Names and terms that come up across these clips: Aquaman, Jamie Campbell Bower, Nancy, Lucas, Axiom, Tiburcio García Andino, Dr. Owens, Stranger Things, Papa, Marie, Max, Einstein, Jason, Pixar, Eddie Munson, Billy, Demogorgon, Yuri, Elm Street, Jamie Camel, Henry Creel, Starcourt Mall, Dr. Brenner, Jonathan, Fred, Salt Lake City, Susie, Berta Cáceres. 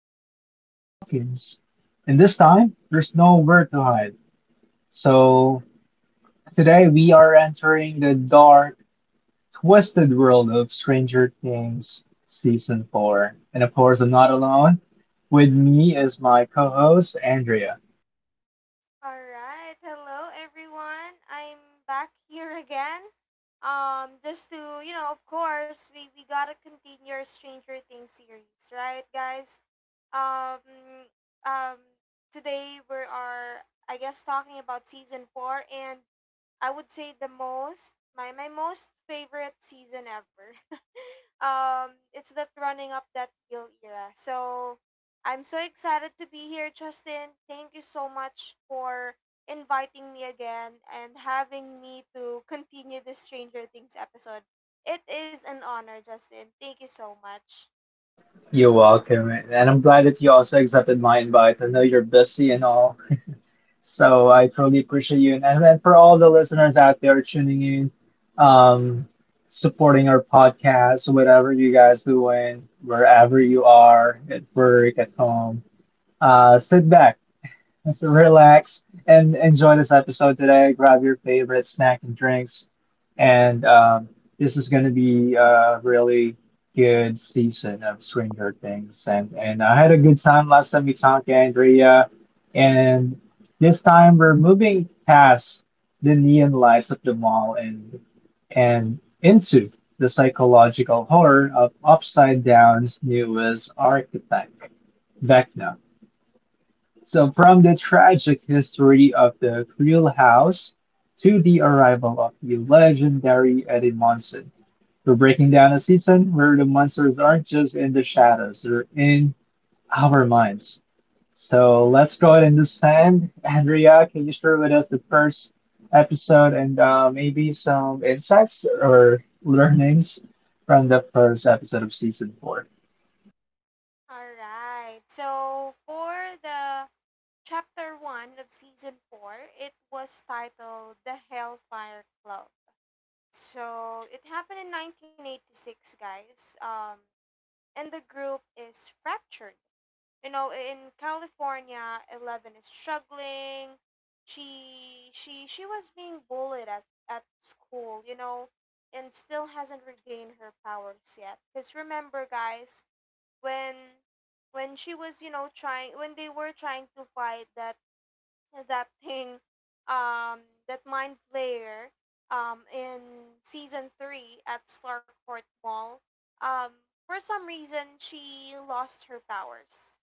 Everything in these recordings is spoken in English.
fallen over Hawkins, and this time there's nowhere to hide. So, today we are entering the dark Twisted World of Stranger Things Season 4. And of course, I'm not alone. With me is my co host, Andrea. All right. Hello, everyone. I'm back here again. Just to you know, of course, we gotta continue our Stranger Things series, right, guys? Um, um, today we are, I guess, talking about season four, and I would say my most favorite season ever. It's that running up that hill era. So I'm so excited to be here, Justin. Thank you so much for inviting me again and having me to continue this Stranger Things episode. It is an honor, Justin. Thank you so much. You're welcome. And I'm glad that you also accepted my invite. I know you're busy and all. So I truly appreciate you. And then for all the listeners out there tuning in, um, supporting our podcast, whatever you guys doing, wherever you are, at work, at home, sit back So relax and enjoy this episode today. Grab your favorite snack and drinks. And this is going to be a really good season of Stranger Things. And I had a good time last time we talked, Andrea. And this time we're moving past the neon lights of the mall and into the psychological horror of Upside Down's newest architect, Vecna. So, from the tragic history of the Creel House to the arrival of the legendary Eddie Munson, we're breaking down a season where the monsters aren't just in the shadows, they're in our minds. So, let's go ahead and descend. Andrea, can you share with us the first episode and maybe some insights or learnings from the first episode of season four? All right. So for the chapter 1 of season 4, it was titled The Hellfire Club. So it happened in 1986, guys. And the group is fractured. You know, in California, Eleven is struggling. She was being bullied at school, you know, and still hasn't regained her powers yet. Cause remember, guys, when when she was, you know, trying when they were trying to fight that thing, um that mind flayer, in season 3 at Starcourt Mall, um for some reason she lost her powers,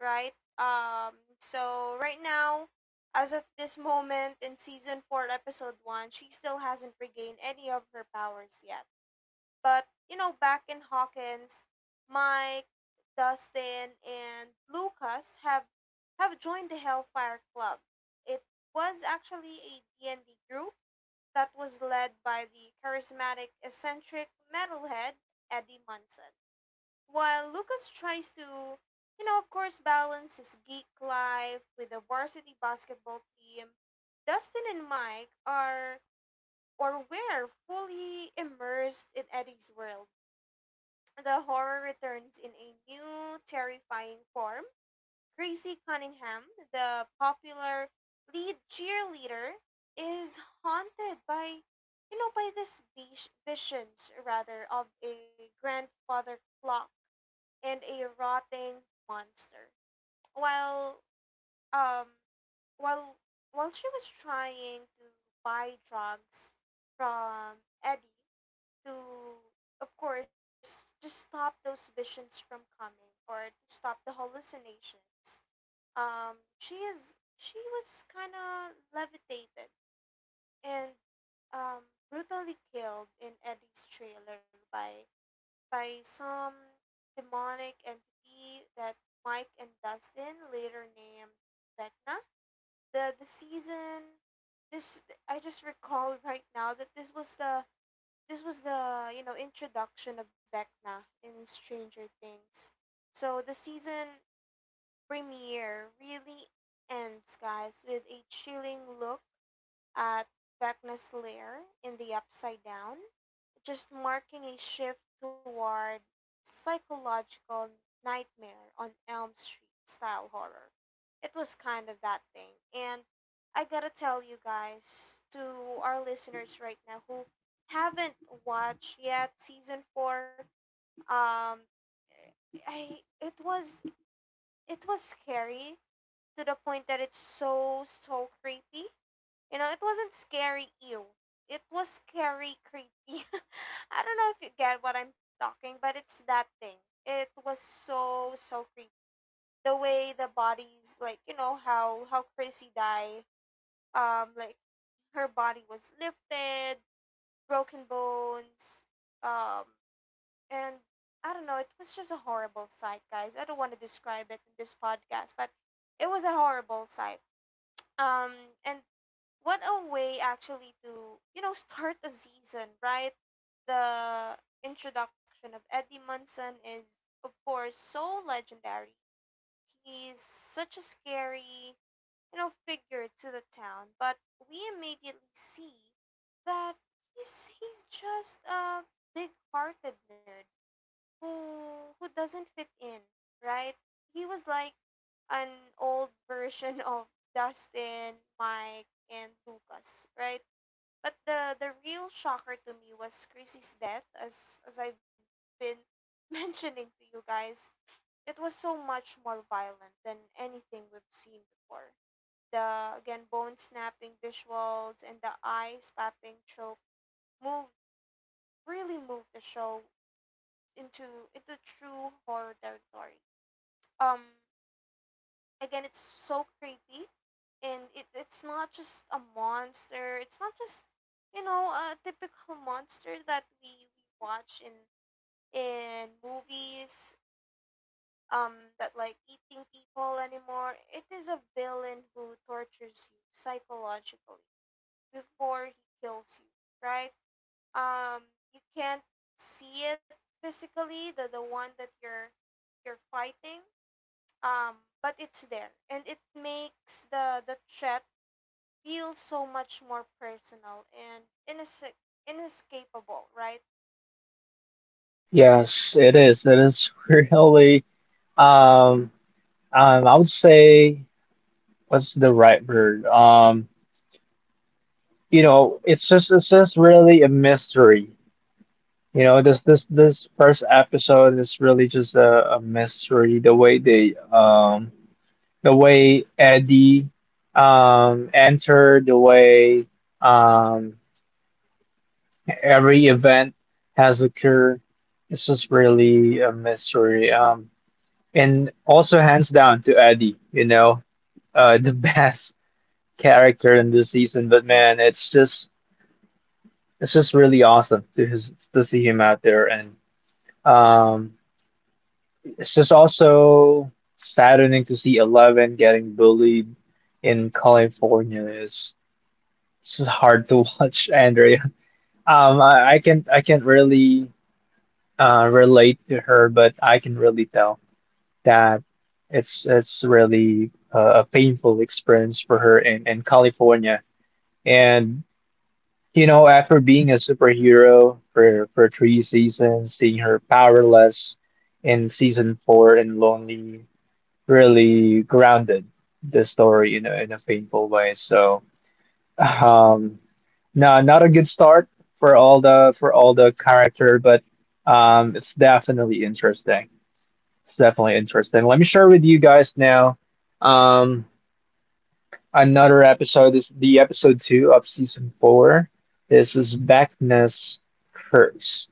right. um so right now, as of this moment in season 4 episode 1, she still hasn't regained any of her powers yet. But, you know, back in Hawkins, Mike, Dustin, and Lucas have joined the Hellfire Club. It was actually a D and d group that was led by the charismatic, eccentric metalhead Eddie Munson. While Lucas tries to, you know, of course, balance his geek life with the varsity basketball team, Dustin and Mike are, or were, fully immersed in Eddie's world. The horror returns in a new, terrifying form. Gracie Cunningham, the popular lead cheerleader, is haunted by, you know, by these visions, rather, of a grandfather clock and a rotting monster. While, um, while, while she was trying to buy drugs from Eddie, to, of course, just stop those visions from coming or to stop the hallucinations. She was kind of levitated and, brutally killed in Eddie's trailer by some demonic entity that Mike and Dustin later named Vecna. The season this I just recall right now that this was the, you know, introduction of Vecna in Stranger Things. So the season premiere really ends, guys, with a chilling look at Vecna's lair in the Upside Down, just marking a shift toward psychological nightmare on Elm Street style horror. It was kind of that thing. And I gotta tell you guys, to our listeners right now who haven't watched yet season four, um, I it was, it was scary to the point that it's so creepy. You know, it wasn't scary ew. It was scary creepy. I don't know if you get what I'm talking, but it's that thing. It was so creepy. The way the bodies, like, you know, how Chrissy died. Like, her body was lifted, broken bones, um, and I don't know, it was just a horrible sight, guys. I don't want to describe it in this podcast, but it was a horrible sight. Um, and what a way actually to, you know, start a season, right? The introduction of Eddie Munson is, of course, so legendary. He's such a scary, you know, figure to the town, but we immediately see that he's just a big-hearted nerd who doesn't fit in, right? He was like an old version of Dustin, Mike, and Lucas, right? But the real shocker to me was Chrissy's death, as I've been mentioning to you guys. It was so much more violent than anything we've seen before. The again bone snapping visuals and the eyes popping choke moved really moved the show into into true horror territory. um Again, it's so creepy. And it's not just a monster, it's not just, you know, a typical monster that we watch in movies, that like eating people anymore. It is a villain who tortures you psychologically before he kills you, right? um you can't see it physically, the one that you're fighting. But it's there, and it makes the chat feel so much more personal and inescapable, right? Yes, it is. It is really. Um, I would say, what's the right word? You know, it's just really a mystery. You know, this first episode is really just a mystery. The way they the way Eddie entered, the way um every event has occurred. It's just really a mystery. And also hands down to Eddie, you know, the best character in this season, but man, it's just really awesome to to see him out there, and um, it's just also saddening to see Eleven getting bullied in California. It's hard to watch, Andrea. I can, I can't really relate to her, but I can really tell that it's really a painful experience for her in California, and you know, after being a superhero for three seasons, seeing her powerless in season four and lonely really grounded the story in in a painful way. So, um, no, not a good start for all the, for all the character, but it's definitely interesting. It's definitely interesting. Let me share with you guys now. Um, Another episode is the episode two of season four. This is Vecna's curse.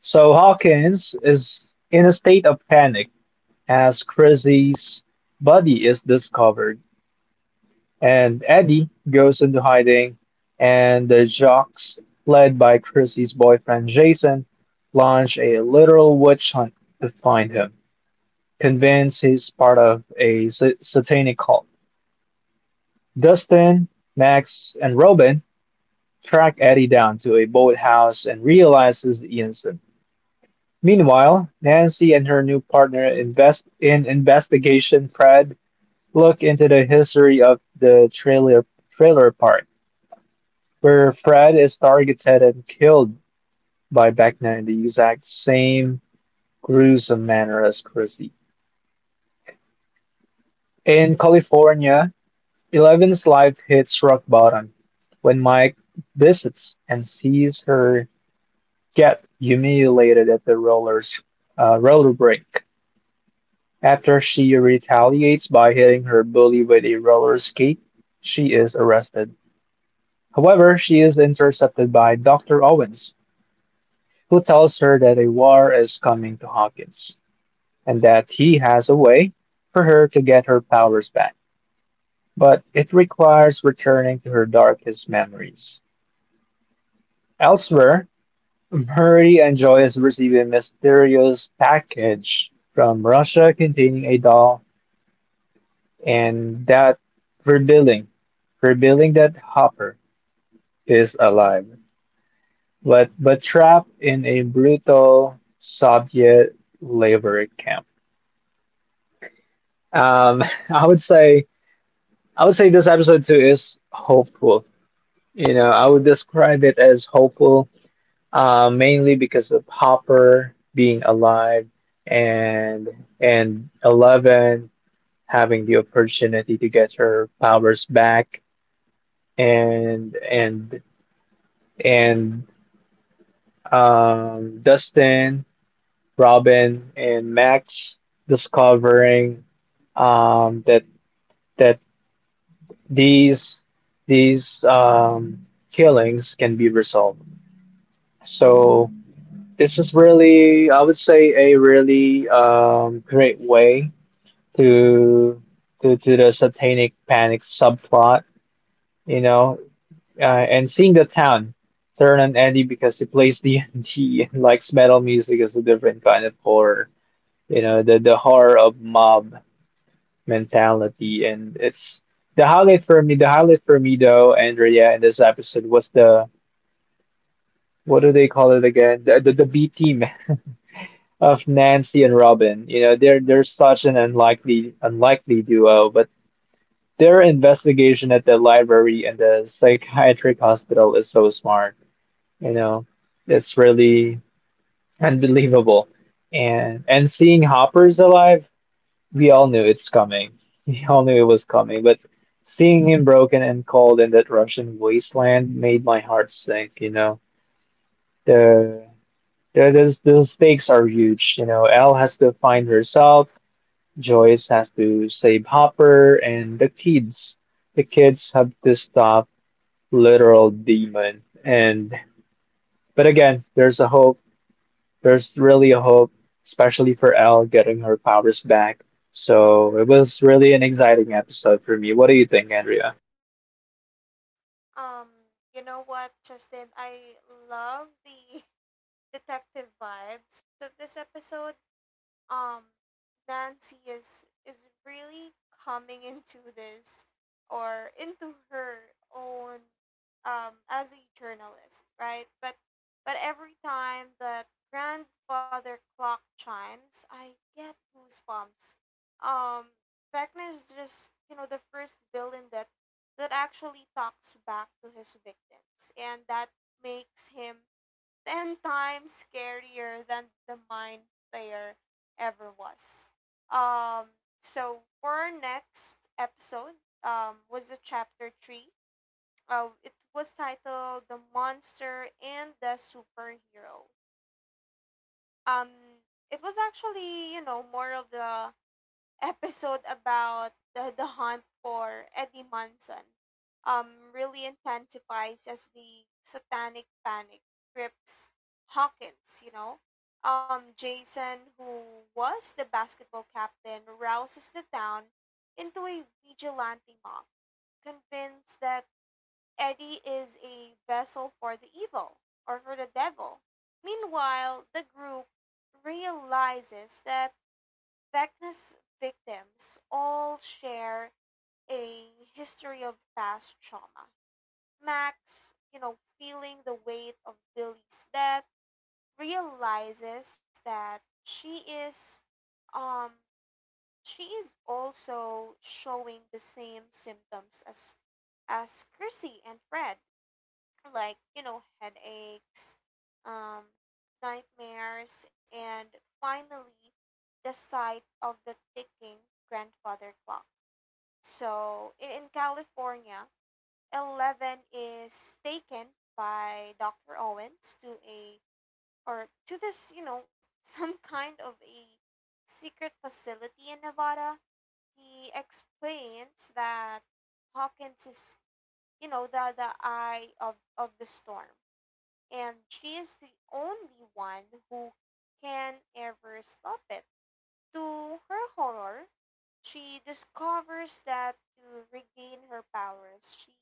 So Hawkins is in a state of panic as Chrissy's body is discovered, and Eddie goes into hiding, and the Jocks, led by Chrissy's boyfriend Jason, launch a literal witch hunt to find him, convinced he's part of a satanic cult. Dustin, Max, and Robin track Eddie down to a boathouse and realizes the Ianson. Meanwhile, Nancy and her new partner invest in investigation Fred look into the history of the trailer park, where Fred is targeted and killed by Beckner in the exact same gruesome manner as Chrissy. In California, Eleven's life hits rock bottom when Mike visits and sees her get humiliated at the roller rink. After she retaliates by hitting her bully with a roller skate, she is arrested. However, she is intercepted by Dr. Owens, who tells her that a war is coming to Hawkins and that he has a way for her to get her powers back, but it requires returning to her darkest memories. Elsewhere, Marie enjoys receiving a mysterious package from Russia containing a doll and that revealing, revealing that Hopper is alive, but trapped in a brutal Soviet labor camp. Um, I would say, I would say this episode too is hopeful. You know, I would describe it as hopeful, mainly because of Hopper being alive and and Eleven having the opportunity to get her powers back, and and and Dustin, Robin, and Max discovering that that these these um, killings can be resolved. So this is really, I would say, a really great way to the satanic panic subplot, you know, and seeing the town turn on Eddie because he plays D&D and D and likes metal music is a different kind of horror, you know, the horror of mob mentality, and it's the highlight for me. The highlight for me, though, Andrea, in this episode was the, what do they call it again? The, the B team of Nancy and Robin. You know, they're such an unlikely duo, but their investigation at the library and the psychiatric hospital is so smart. You know, it's really unbelievable. And seeing Hopper's alive, we all knew it's coming. We all knew it was coming, but seeing him broken and cold in that Russian wasteland made my heart sink, you know. The the stakes are huge, you know. Elle has to find herself. Joyce has to save Hopper and the kids. The kids have to stop literal demon. And but again, there's a hope. There's really a hope, especially for Elle getting her powers back. So it was really an exciting episode for me. What do you think, Andrea? um you know what, Justin, I love the detective vibes of this episode. um Nancy is really coming into this or into her own, as a journalist, right? But every time that grandfather clock chimes, I get goosebumps. Um Beckner is just, you know, the first villain that actually talks back to his victims, and that makes him ten times scarier than the mind player ever was. Um, so for our next episode, was the chapter three. It was titled "The Monster and the Superhero." Um, it was actually, you know, more of the episode about the hunt for Eddie Munson, really intensifies as the satanic panic grips Hawkins, you know. Jason, who was the basketball captain, rouses the town into a vigilante mob, convinced that Eddie is a vessel for the evil, or for the devil. Meanwhile, the group realizes that Vecna's victims all share a history of past trauma. Max, you know, feeling the weight of Billy's death, realizes that um she is also showing the same symptoms as Chrissy and Fred, like, you know, headaches, um, nightmares, and finally the sight of the ticking grandfather clock. So, in California, 11 is taken by Dr. Owens to a or to this, you know, some kind of a secret facility in Nevada. He explains that Hawkins is, you know, the eye of the storm, and she is the only one who can ever stop it. To her horror, she discovers that to regain her powers, she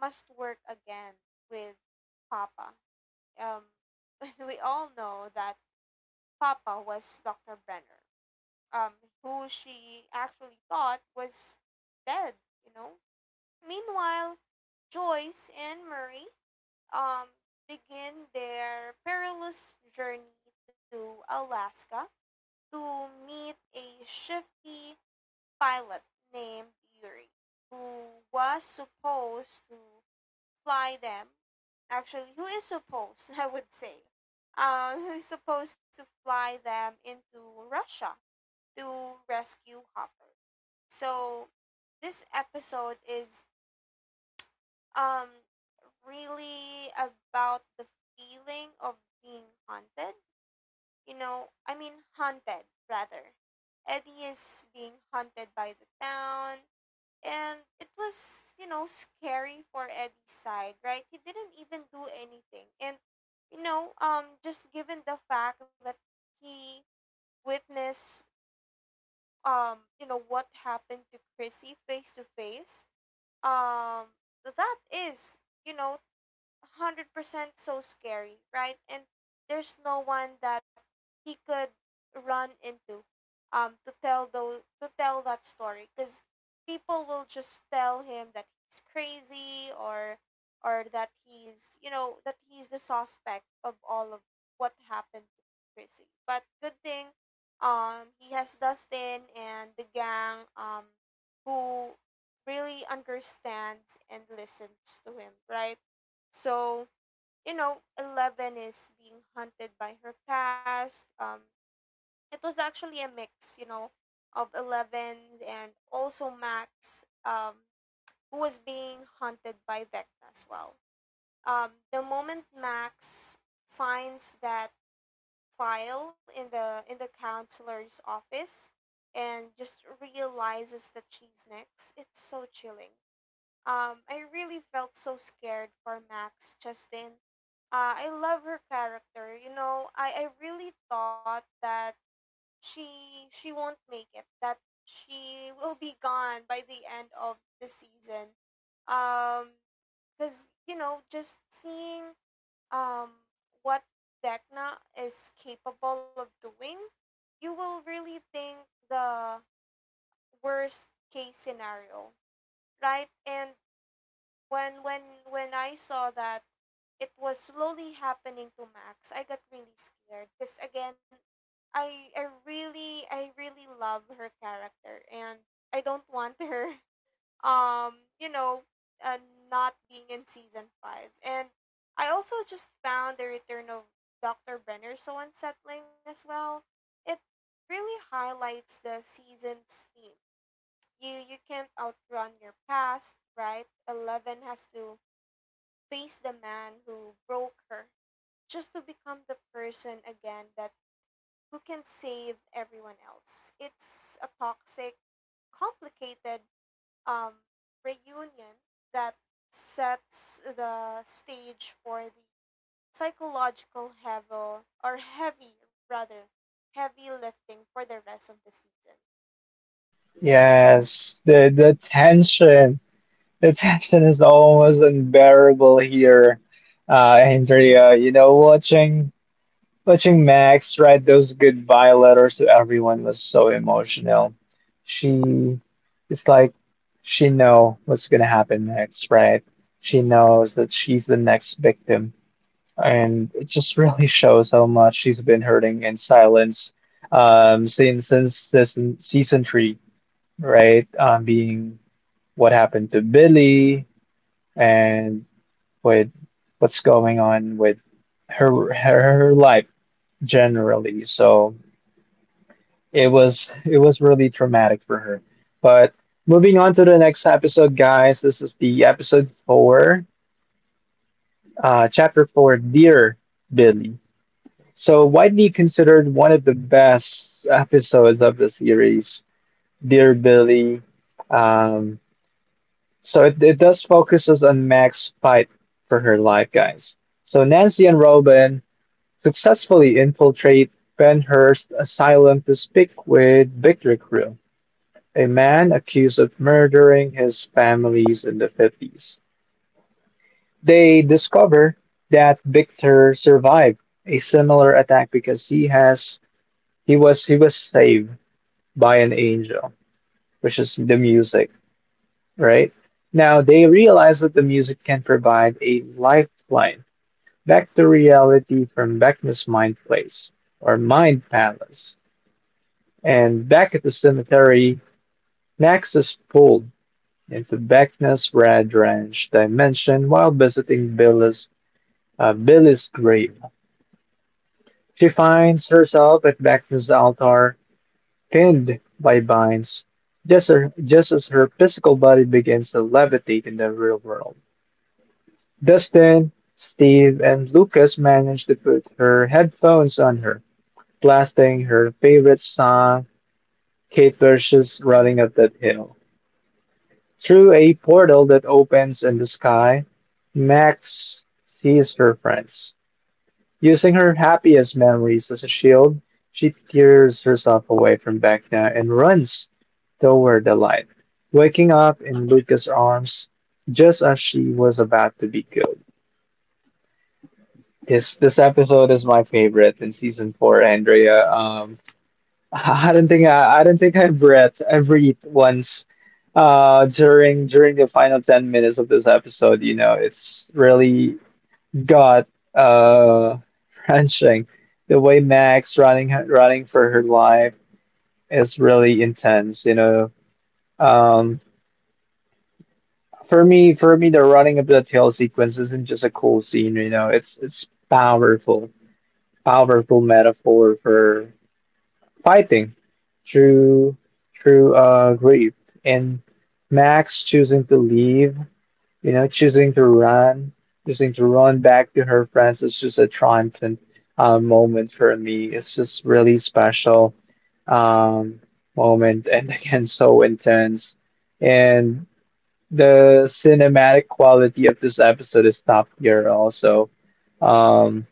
must work again with Papa. Um, we all know that Papa was Dr. Brenner, um, who she actually thought was dead, you know? Meanwhile, Joyce and Murray, um, begin their perilous journey to Alaska to meet a shifty pilot named Yuri who was supposed to fly them. Actually, who is supposed, I would say, who's supposed to fly them into Russia to rescue Hopper. So this episode is, um really about the feeling of being haunted. You know, I mean haunted rather. Eddie is being haunted by the town. And it was, you know, scary for Eddie's side, right? He didn't even do anything. And, you know, just given the fact that he witnessed, you know, what happened to Chrissy face to face, um, that is, you know, 100% so scary, right? And there's no one that he could run into to tell the to tell that story, cuz people will just tell him that he's crazy, or that he's, you know, that he's the suspect of all of what happened to Chrissy. But good thing, he has Dustin and the gang, who really understands and listens to him, right? So, you know, Eleven is being hunted by her past. It was actually a mix, you know, of Eleven and also Max, who was being hunted by Vecna as well. The moment Max finds that file in the counselor's office and just realizes that she's next, it's so chilling. I really felt so scared for Max, Justin. I love her character. You know, I really thought that she she won't make it. That she will be gone by the end of the season. Um, because, you know, just seeing um what Vecna is capable of doing, you will really think the worst case scenario, right? And when I saw that it was slowly happening to Max, I got really scared because again, I really love her character, and I don't want her um you know uh, not being in season 5. And I also just found the return of Dr. Brenner so unsettling as well. It really highlights the season's theme. You can't outrun your past, right? Eleven has to face the man who broke her just to become the person again that who can save everyone else. It's a toxic, complicated, um, reunion that sets the stage for the psychological heavy or heavy rather heavy lifting for the rest of the season. Yes, the tension is almost unbearable here. Andrea, you know, watching Max write those goodbye letters to everyone was so emotional. She, it's like she know what's gonna happen next, right? She knows that she's the next victim, and it just really shows how much she's been hurting in silence, since this season three, right? Being what happened to Billy and with what's going on with her life generally. So, it was, it was really traumatic for her. But moving on to the next episode, guys. This is the episode four, chapter four, Dear Billy. So widely considered one of the best episodes of the series, Dear Billy. Um, so it does focuses on Mac's fight for her life, guys. So Nancy and Robin successfully infiltrate Ben Hur's asylum to speak with Victor Crew, a man accused of murdering his families in the 50s. They discover that Victor survived a similar attack because he was, he was saved by an angel, which is the music, right? Now they realize that the music can provide a lifeline back to reality from Vecna's mind place or mind palace. And back at the cemetery, Max is pulled into Beckner's Red Ranch dimension while visiting Billy's grave. She finds herself at Beckner's altar, pinned by vines, just, just as her physical body begins to levitate in the real world. Dustin, Steve, and Lucas manage to put her headphones on her, blasting her favorite song, Kate Bush's Running Up That Hill. Through a portal that opens in the sky, Max sees her friends. Using her happiest memories as a shield, she tears herself away from Vecna and runs toward the light, waking up in Lucas' arms just as she was about to be killed. This episode is my favorite in season four, Andrea. I don't think I breathed once during, during the final 10 minutes of this episode. You know, it's really got, uh wrenching the way Max running for her life is really intense, you know. um for me, the running of that hill sequence isn't just a cool scene, you know. It's powerful, powerful metaphor for fighting through through grief, and Max choosing to leave, you know, choosing to run back to her friends. It's just a triumphant, moment for me. It's just really special, um moment, and again, so intense. And the cinematic quality of this episode is top tier also. Um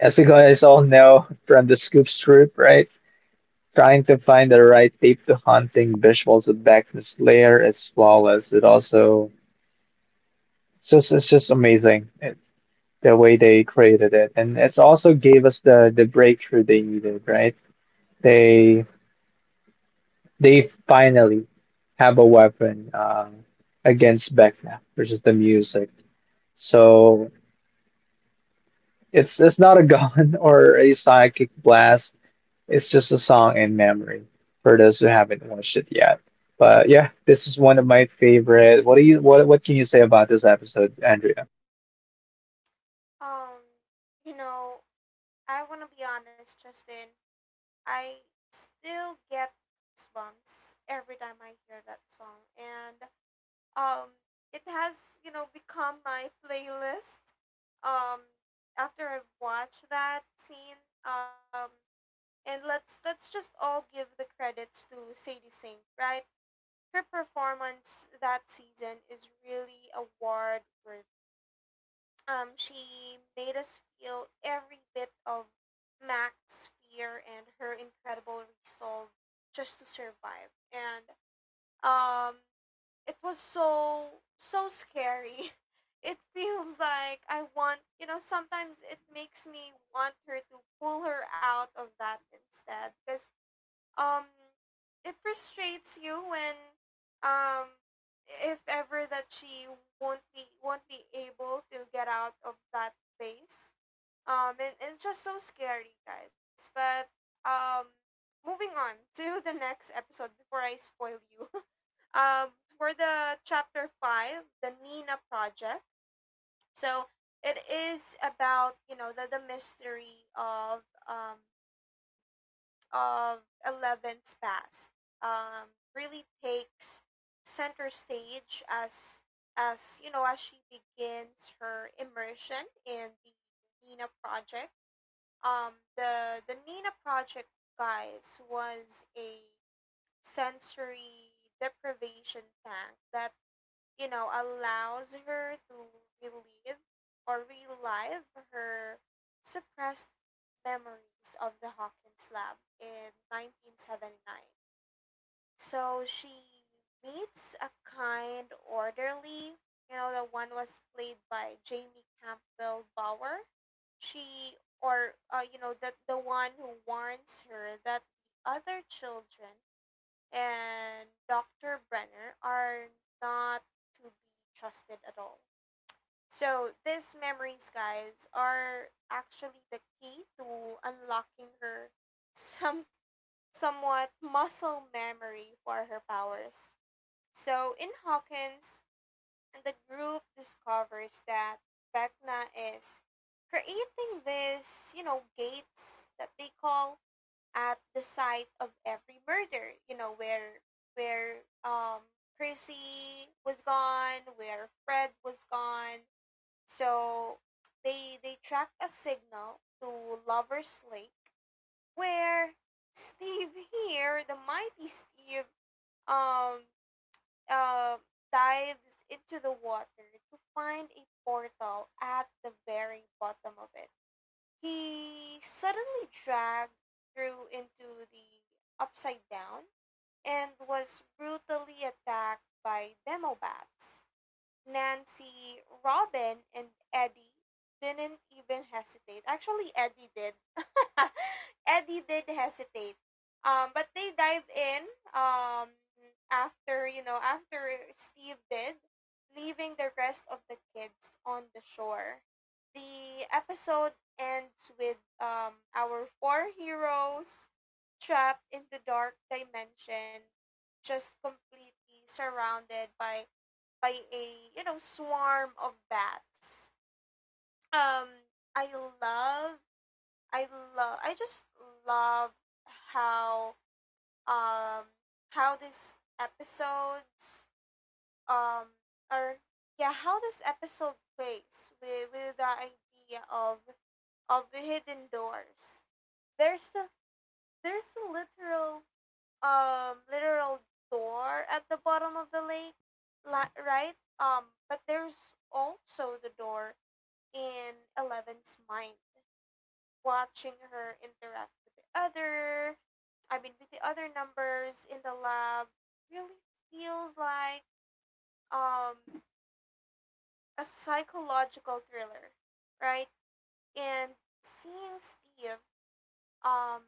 as you guys all know, from the scoop strip, right? Trying to find the right tape to hunting visuals with Backness Lair is flawless. It also, it's just, it's just amazing. It, the way they created it, and it's also gave us the breakthrough they needed. Right? They they finally have a weapon, against Vecna, which is the music. So it's not a gun or a psychic blast. It's just a song in memory for those who haven't watched it yet. But yeah, this is one of my favorite. What do you, what can you say about this episode, Andrea? Um, you know, I want to be honest, Justin. I still get goosebumps every time I hear that song, and, um, it has, you know, become my playlist. Um, after I watch that scene, and let's just all give the credits to Sadie Sink, right? Her performance that season is really award worthy. She made us feel every bit of Mac's fear and her incredible resolve just to survive. And, um, it was so scary. It feels like I want, sometimes it makes me want her to pull her out of that instead. Because um it frustrates you when um if ever that she won't be able to get out of that place, and it's just so scary, guys. But um moving on to the next episode before I spoil you. um for the chapter 5, the Nina Project. So it is about, the, mystery of, um of Eleven's past. Really takes center stage as, as she begins her immersion in the Nina Project. The Nina Project, guys, was a sensory deprivation tank that, allows her to relive relive her suppressed Memories of the Hawkins Lab in 1979. So she meets a kind orderly. The one was played by Jamie Campbell Bower. She, or, you know, the one who warns her that the other children and Dr. Brenner are not to be trusted at all. So these memories, guys, are actually the key to unlocking her some somewhat muscle memory for her powers. So in Hawkins, the group discovers that Vecna is creating this, gates that they call at the site of every murder, where where um Chrissy was gone, where Fred was gone. So they track a signal to Lover's Lake, where Steve, here the mighty Steve, um uh, dives into the water to find a portal at the very bottom of it. He suddenly dragged through into the Upside Down and was brutally attacked by demo bats. Nancy, Robin, and Eddie didn't even hesitate. Actually, Eddie did. Eddie did hesitate. But they dive in, um, after Steve did, leaving the rest of the kids on the shore. The episode ends with, our four heroes trapped in the dark dimension, just completely surrounded by a, swarm of bats. Um, I love, I I just love how, um how these episodes um are yeah, how this episode plays with the idea of the hidden doors. There's the literal, literal door at the bottom of the lake, right? But there's also the door in Eleven's mind. Watching her interact with the other, I mean, with the other numbers in the lab, really feels like, um, a psychological thriller, right? And seeing Steve, um,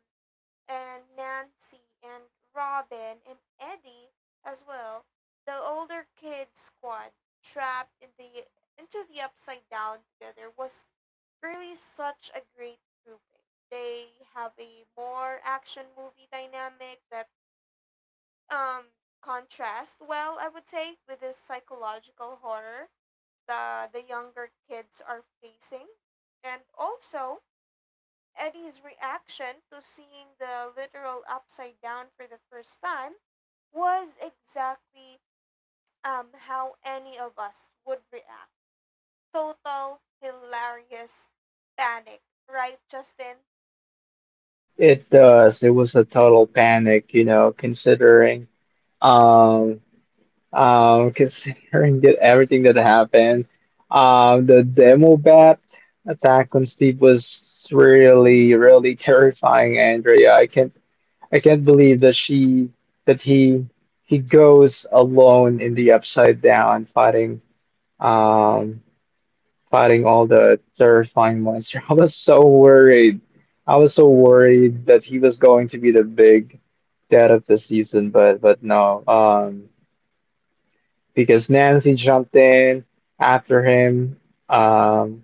and Nancy and Robin and Eddie as well, the older kid squad trapped in the into the Upside Down together was really such a great grouping. They have a more action movie dynamic that, um contrasts well, I would say, with this psychological horror the younger kids are facing. And also Eddie's reaction to seeing the literal Upside Down for the first time was exactly, how any of us would react. Total hilarious panic, right, Justin? It does. It was a total panic, you know, considering, um considering that everything that happened. The demo bat attack on Steve was really, really terrifying, Andrea. I can't believe that she that he goes alone in the upside down fighting um fighting all the terrifying monster. I was so worried. I was so worried that he was going to be the big dead of the season, but no. Because Nancy jumped in after him, um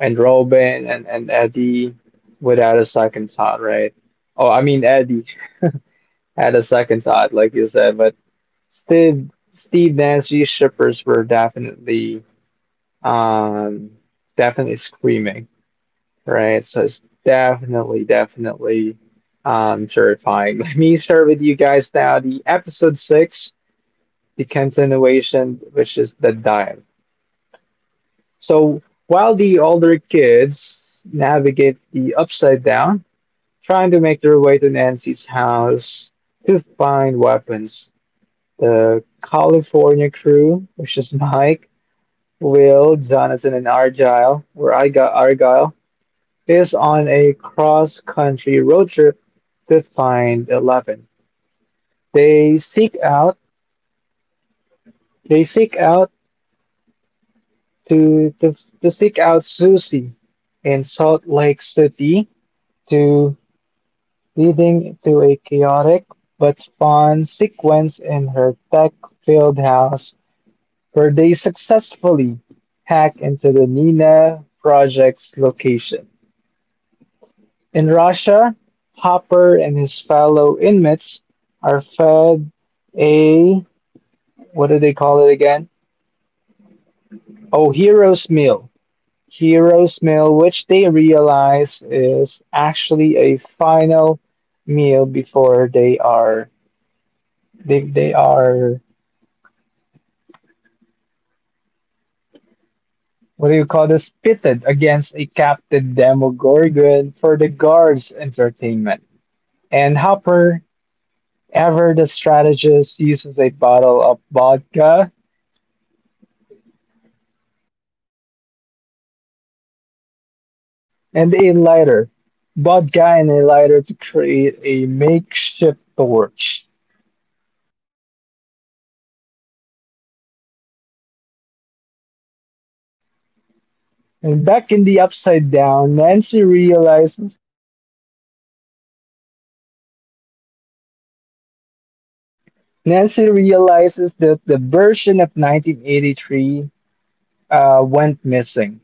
and Robin and, Eddie without a second thought, right? Oh, I mean Eddie had a second thought, like you said, but. Steve Nancy shippers were definitely um definitely screaming, right? So it's definitely, definitely terrifying. Let me share with you guys now the episode six, the continuation, which is the dive. So while the older kids navigate the upside down, trying to make their way to Nancy's house to find weapons, the California crew, which is Mike. Will, Jonathan, and Argyle, where I got Argyle, is on a cross country road trip to find Eleven. They seek out they seek out to, to to seek out Susie in Salt Lake City to leading to a chaotic but fun sequence in her tech filled house where they successfully hack into the Nina project's location. In Russia, Hopper and his fellow inmates are fed a what do they call it again? Oh, hero's meal. Hero's meal, which they realize is actually a final meal before they are what do you call this? Pitted against a captive Demogorgon for the guards' entertainment. And Hopper, ever the strategist, uses a bottle of vodka and a lighter. Bought Guy and a lighter to create a makeshift torch. And back in the Upside Down, Nancy realizes that the version of 1983 went missing.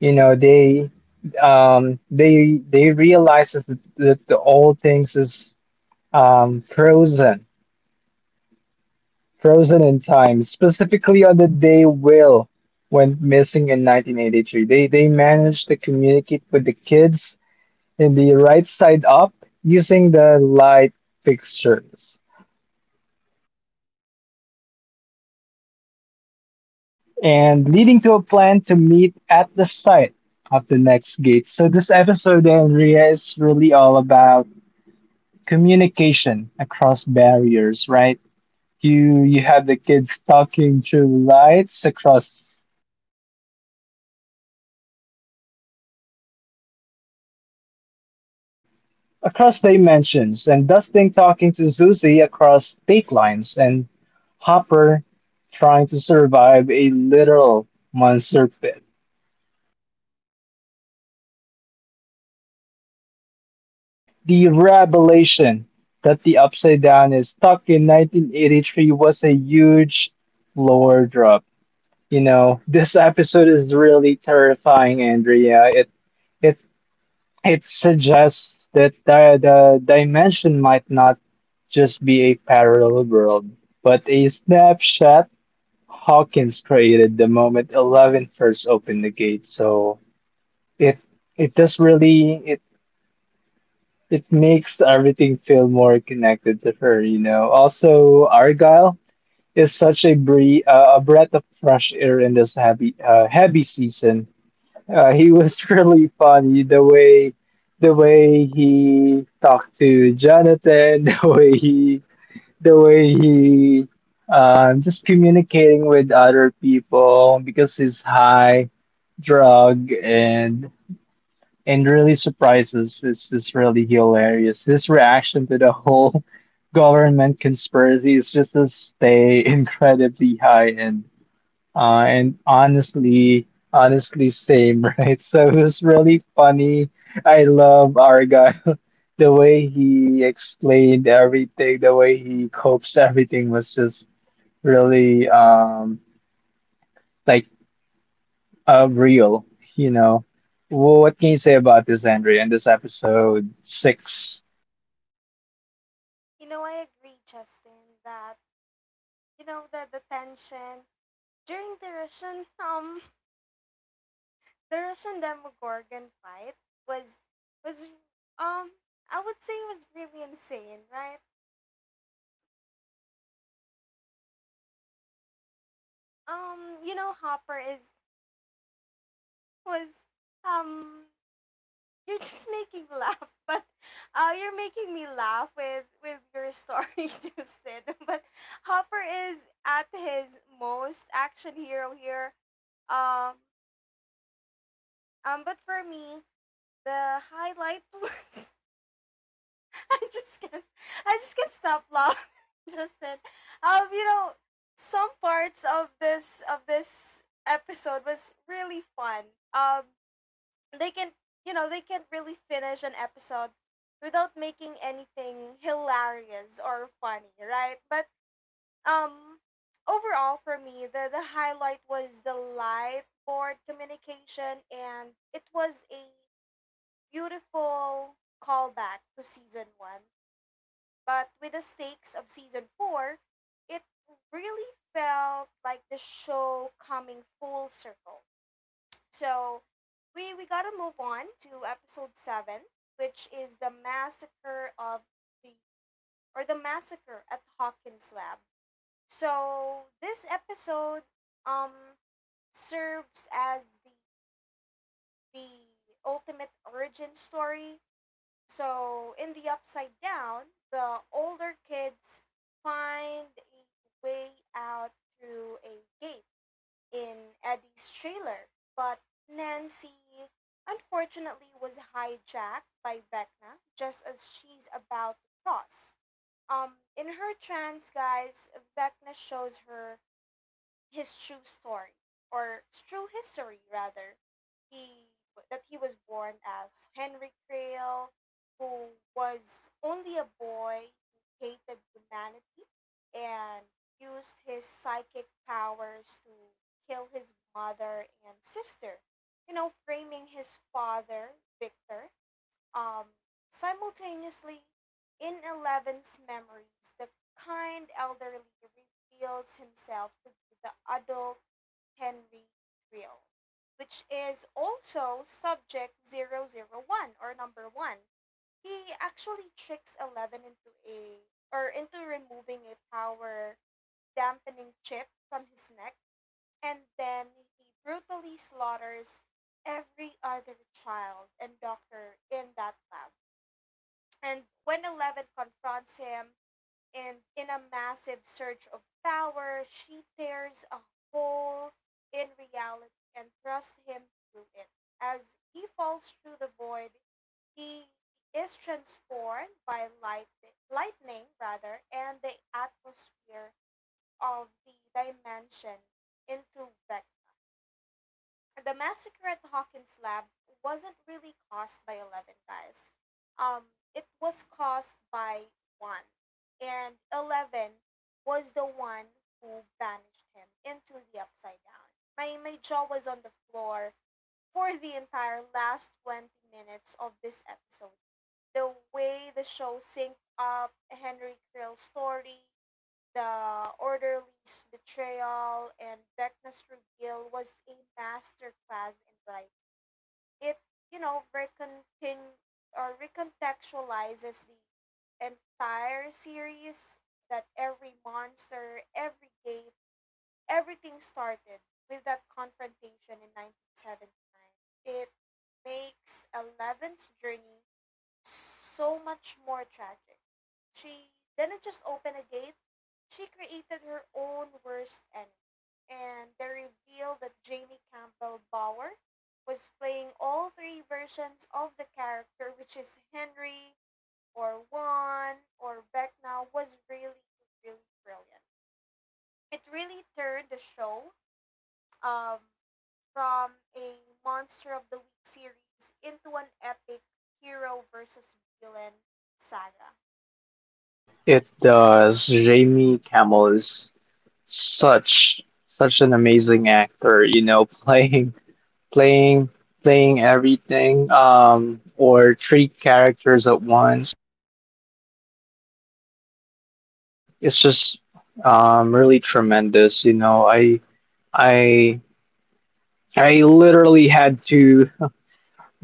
You know, they realizes that, that the old things is um, frozen Frozen in time, specifically on the day Will went missing in 1983. They managed to communicate with the kids in the right side up using the light fixtures and leading to a plan to meet at the site of the next gate. So this episode, Andrea, is really all about communication across barriers, right? You have the kids talking through lights across dimensions, and Dustin talking to Susie across state lines, and Hopper trying to survive a literal monster pit. The revelation that the Upside Down is stuck in 1983 was a huge lore drop. You know, this episode is really terrifying, Andrea. It It suggests that the dimension might not just be a parallel world, but a snapshot Hawkins created the moment Eleven first opened the gate. So it it does really it it makes everything feel more connected to her, you know. Also, Argyle is such a breath of fresh air in this heavy heavy season he was really funny the way he talked to Jonathan, the way he just communicating with other people because he's high, drug and really surprises. It's just really hilarious. His reaction to the whole government conspiracy is just to stay incredibly high and. Uh, and honestly, Honestly, same, right? So it was really funny. I love Argyle. The way he explained everything, the way he copes everything was just really like real, you know. What can you say about this, Andrea? In this episode six, I agree, Justin, that, the tension during the Russian, the Russian Demogorgon fight was, was um I would say, was really insane, right? Hopper is was um you're just making laugh, but, you're making me laugh with your story, Justin. But Hopper is at his most action hero here. Um, but for me, the highlight was I just can't I just can't stop laughing, just then. Um, you know, some parts of this episode was really fun. Um, they can they can't really finish an episode without making anything hilarious or funny, right? But um, overall for me, the highlight was the light board communication, and it was a beautiful callback to season one. But with the stakes of season four, it really felt like the show coming full circle. So we, gotta move on to episode seven, which is the massacre of the, or the massacre at Hawkins Lab. So this episode, um serves as the the ultimate origin story. So in the Upside Down, the older kids find a way out through a gate in Eddie's trailer, but Nancy unfortunately was hijacked by Vecna just as she's about to cross. In her trance, guys, Vecna shows her his true story, or true history rather, he that he was born as Henry Creel, who was only a boy who hated humanity and used his psychic powers to kill his mother and sister, framing his father Victor. um, Simultaneously, in Eleven's memories, the kind elderly reveals himself to be the adult Henry Creel, which is also subject 001, or number 1. He actually tricks Eleven into removing a power dampening chip from his neck, and then he brutally slaughters every other child and doctor in that lab. And when Eleven confronts him, and in a massive surge of power, she tears a hole in reality and thrusts him through it. As he falls through the void, he is transformed by light, lightning rather, and the atmosphere of the dimension into Vector. The massacre at Hawkins Lab wasn't really caused by Eleven, guys. It was caused by one. And Eleven was the one who banished him into the Upside Down. My jaw was on the floor for the entire last 20 minutes of this episode. The way the show synced up Henry Krill's story, the orderly's betrayal, and Beckner's reveal was a masterclass in writing. It, recontin- or recontextualizes the entire series, that every monster, every gate, everything started with that confrontation in 1979. It makes Eleven's journey so much more tragic. She didn't just open a gate, she created her own worst enemy. And they revealed that Jamie Campbell Bower was playing all three versions of the character, which is Henry or Juan or Beck now, was really, really brilliant. It really turned the show, um, from a Monster of the Week series into an epic hero versus villain saga. it does. Jamie Camel is such such an amazing actor, you know, playing playing everything or three characters at once. It's just really tremendous, you know. I I literally had to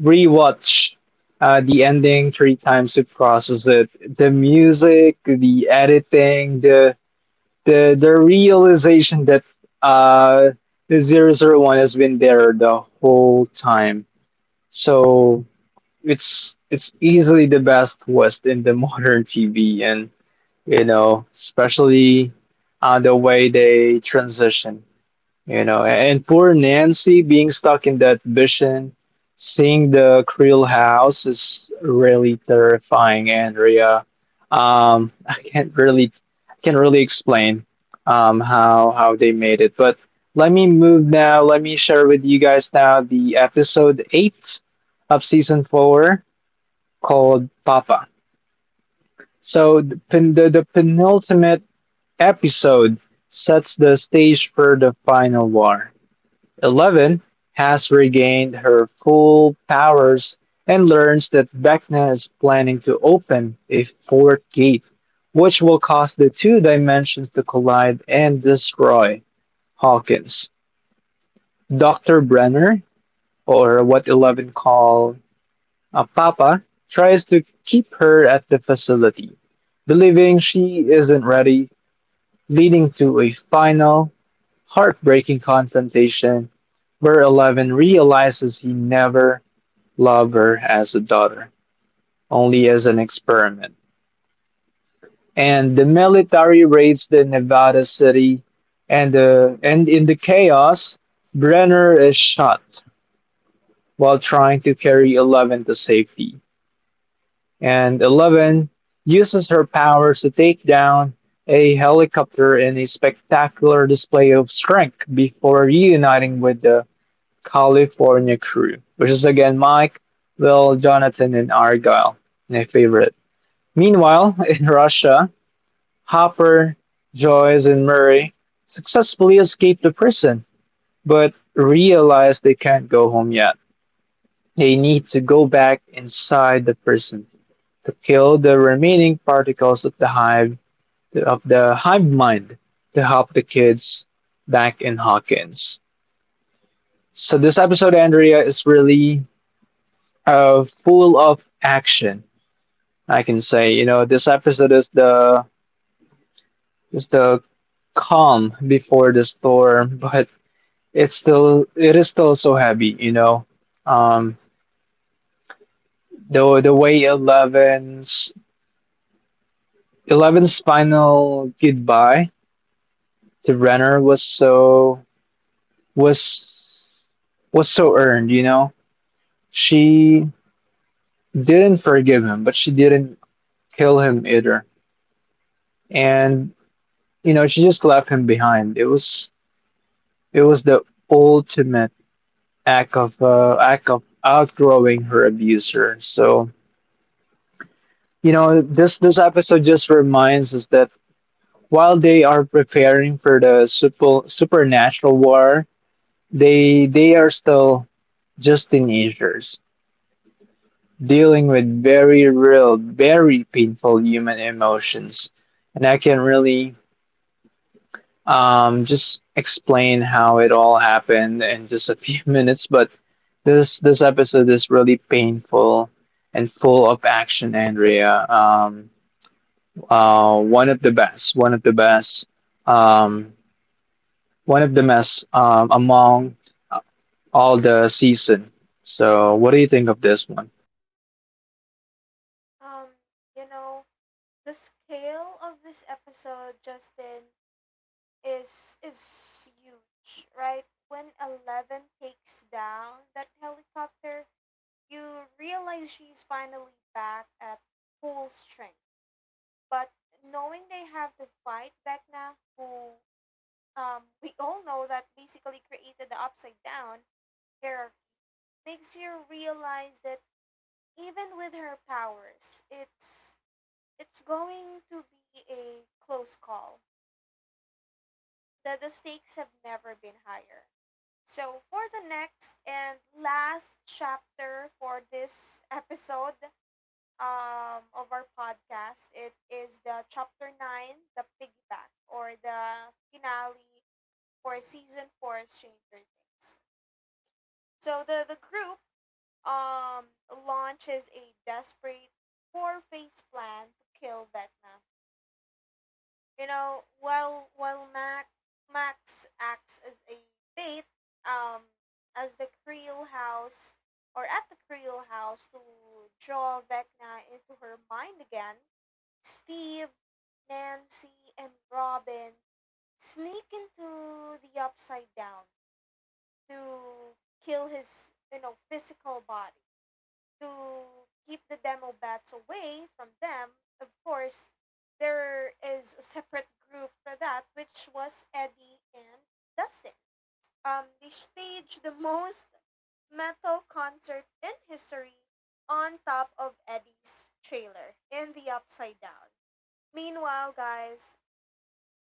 rewatch the ending three times to process it. The music, the editing, the realization that uh the zero zero 001 has been there the whole time. So it's easily the best twist in the modern TV, and you know, especially on the way they transition. You know, and, poor Nancy being stuck in that vision, seeing the Creel house is really terrifying, Andrea. I can't really explain how they made it, but let me move now. Let me share with you guys now the episode eight of season four called Papa. So the penultimate episode sets the stage for the final war. Eleven has regained her full powers and learns that Vecna is planning to open a fourth gate, which will cause the two dimensions to collide and destroy Hawkins. Dr. Brenner, or what Eleven call Papa, tries to keep her at the facility, believing she isn't ready, leading to a final, heartbreaking confrontation where Eleven realizes he never loved her as a daughter, only as an experiment. And the military raids the Nevada city, and, in the chaos, Brenner is shot while trying to carry Eleven to safety. And Eleven uses her powers to take down a helicopter in a spectacular display of strength before reuniting with the California crew, which is again Mike, Will, Jonathan, and Argyle, my favorite. Meanwhile, in Russia, Hopper, Joyce, and Murray successfully escape the prison, but realize they can't go home yet. They need to go back inside the prison to kill the remaining particles of the hive mind to help the kids back in Hawkins. So this episode, Andrea, is really full of action. I can say, you know, this episode is the calm before the storm, but it is still so heavy, you know. Um, the way Eleven's final goodbye to Renner was was so earned, you know. She didn't forgive him, but she didn't kill him either. And you know, she just left him behind. It was the ultimate act of outgrowing her abuser. So, you know, this episode just reminds us that while they are preparing for the super supernatural war, they are still just teenagers dealing with very real, very painful human emotions. And I can really just explain how it all happened in just a few minutes. But this episode is really painful and full of action, Andrea. One of the best, one of the best, um, one of the best among all the season. So, what do you think of this one? Um, you know, the scale of this episode, Justin, is huge, right? When Eleven takes down that helicopter, you realize she's finally back at full strength. But knowing they have to fight Vecna, who, we all know, that basically created the Upside Down hierarchy, makes you realize that even with her powers, it's going to be a close call. The stakes have never been higher. So, for the next and last chapter for this episode, of our podcast, it is the chapter 9, the piggyback, or the finale for season 4 Stranger Things. So, the, group, um, launches a desperate four phase plan to kill Vecna. While Max acts as a bait, um, as the Creel house, or at the Creel house, to draw Vecna into her mind again, Steve, Nancy, and Robin sneak into the Upside Down to kill his, physical body. To keep the demo bats away from them, of course, there is a separate group for that, which was Eddie and Dustin. They staged the most metal concert in history on top of Eddie's trailer in the Upside Down. Meanwhile, guys,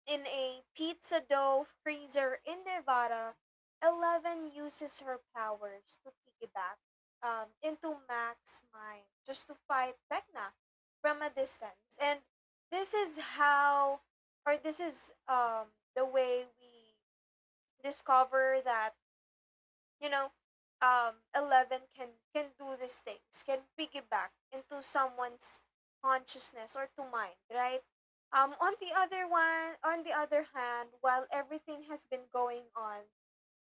in a pizza dough freezer in Nevada, Eleven uses her powers to piggyback, into Mac's mind just to fight Vecna from a distance. And this is how, or this is, the way we discover that, you know, Eleven can do these things, can piggyback into someone's consciousness, or to mind, right? On the other hand, while everything has been going on,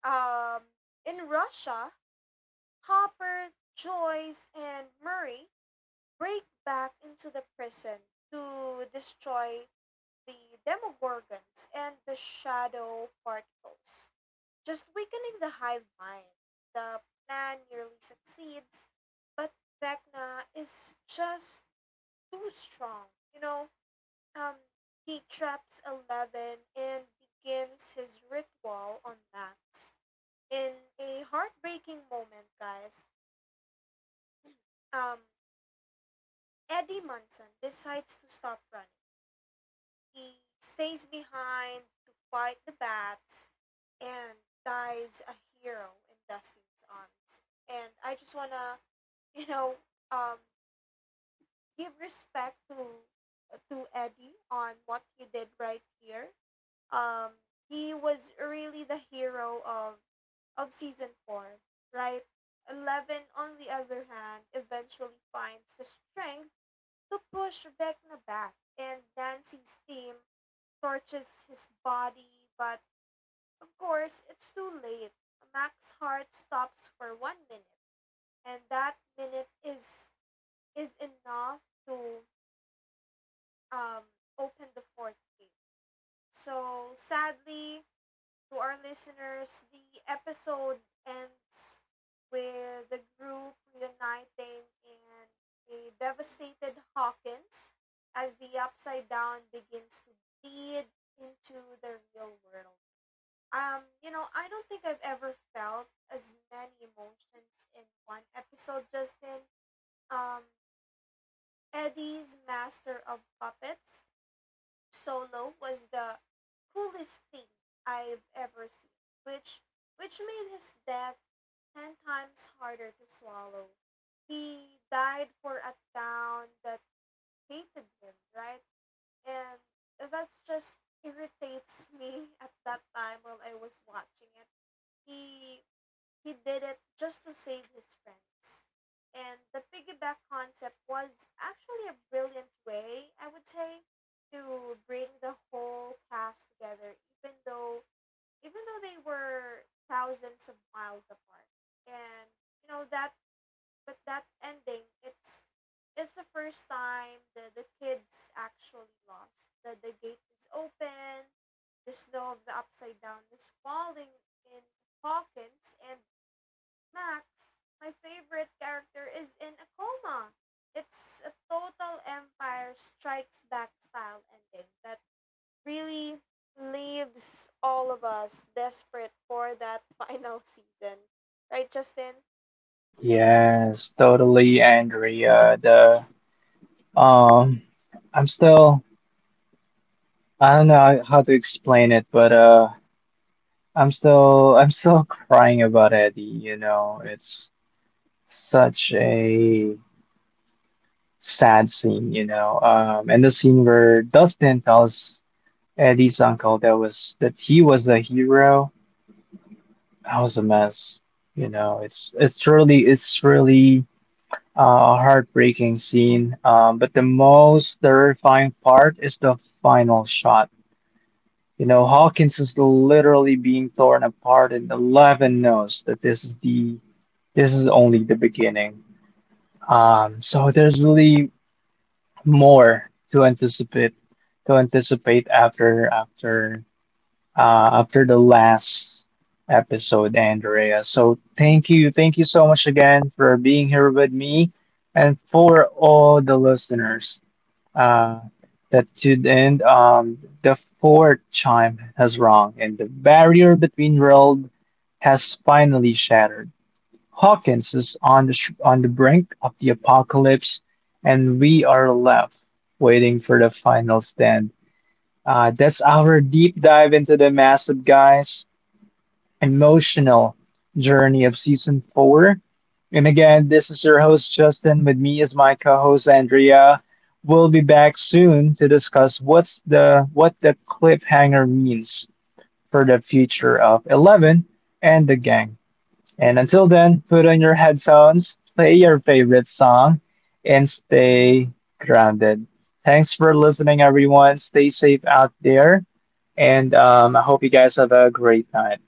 um, in Russia, Hopper, Joyce, and Murray break back into the prison to destroy the Demogorgons and the Shadow Particles, just weakening the hive mind. The plan nearly succeeds, but Vecna is just too strong. Um, he traps Eleven and begins his ritual on Max. In a heartbreaking moment, guys, um, Eddie Munson decides to stop running. He stays behind to fight the bats and dies a hero in Dustin's arms. And I just wanna, you know, um, give respect to Eddie on what he did right here. Um, he was really the hero of season four, right? Eleven, on the other hand, eventually finds the strength to push Vecna back, and Nancy's team torches his body, but of course, it's too late. Mac's heart stops for one minute, and that minute is enough to, um, open the fourth gate. So, sadly, to our listeners, the episode ends with the group reuniting in a devastated Hawkins as the Upside Down begins to bleed into the real world. I don't think I've ever felt as many emotions in one episode, Justin. Um, Eddie's Master of Puppets Solo was the coolest thing I've ever seen, which made his death 10 times harder to swallow. He died for a town that hated him, right? And that's just irritates me at that time while I was watching it. He he did it just to save his friends. And the piggyback concept was actually a brilliant way, I would say, to bring the whole cast together, even though they were thousands of miles apart. And, you know that but that ending, it's the first time the, kids actually lost. The gate is open, the snow of the Upside Down is falling in Hawkins, and Max, my favorite character, is in a coma. It's a total Empire Strikes Back style ending that really leaves all of us desperate for that final season. Right, Justin? Yes, totally, Andrea. The Um, I'm still, I don't know how to explain it, but I'm still crying about Eddie, you know. It's such a sad scene, you know. And the scene where Dustin tells Eddie's uncle that he was the hero, that was a mess, you know. It's really a heartbreaking scene. But the most terrifying part is the final shot. You know, Hawkins is literally being torn apart, and Eleven knows that this is only the beginning. So there's really more to anticipate after after the last episode, Andrea. So thank you so much again for being here with me, and for all the listeners. Uh, that should end the fourth chime has rung, and the barrier between world has finally shattered. Hawkins is on the on the brink of the apocalypse, and we are left waiting for the final stand. That's our deep dive into the massive guys emotional journey of season four. And again, this is your host, Justin. With me is my co-host, Andrea. We'll be back soon to discuss what the cliffhanger means for the future of Eleven and the gang. And until then, put on your headphones, play your favorite song, and stay grounded. Thanks for listening, everyone. Stay safe out there, and I hope you guys have a great night.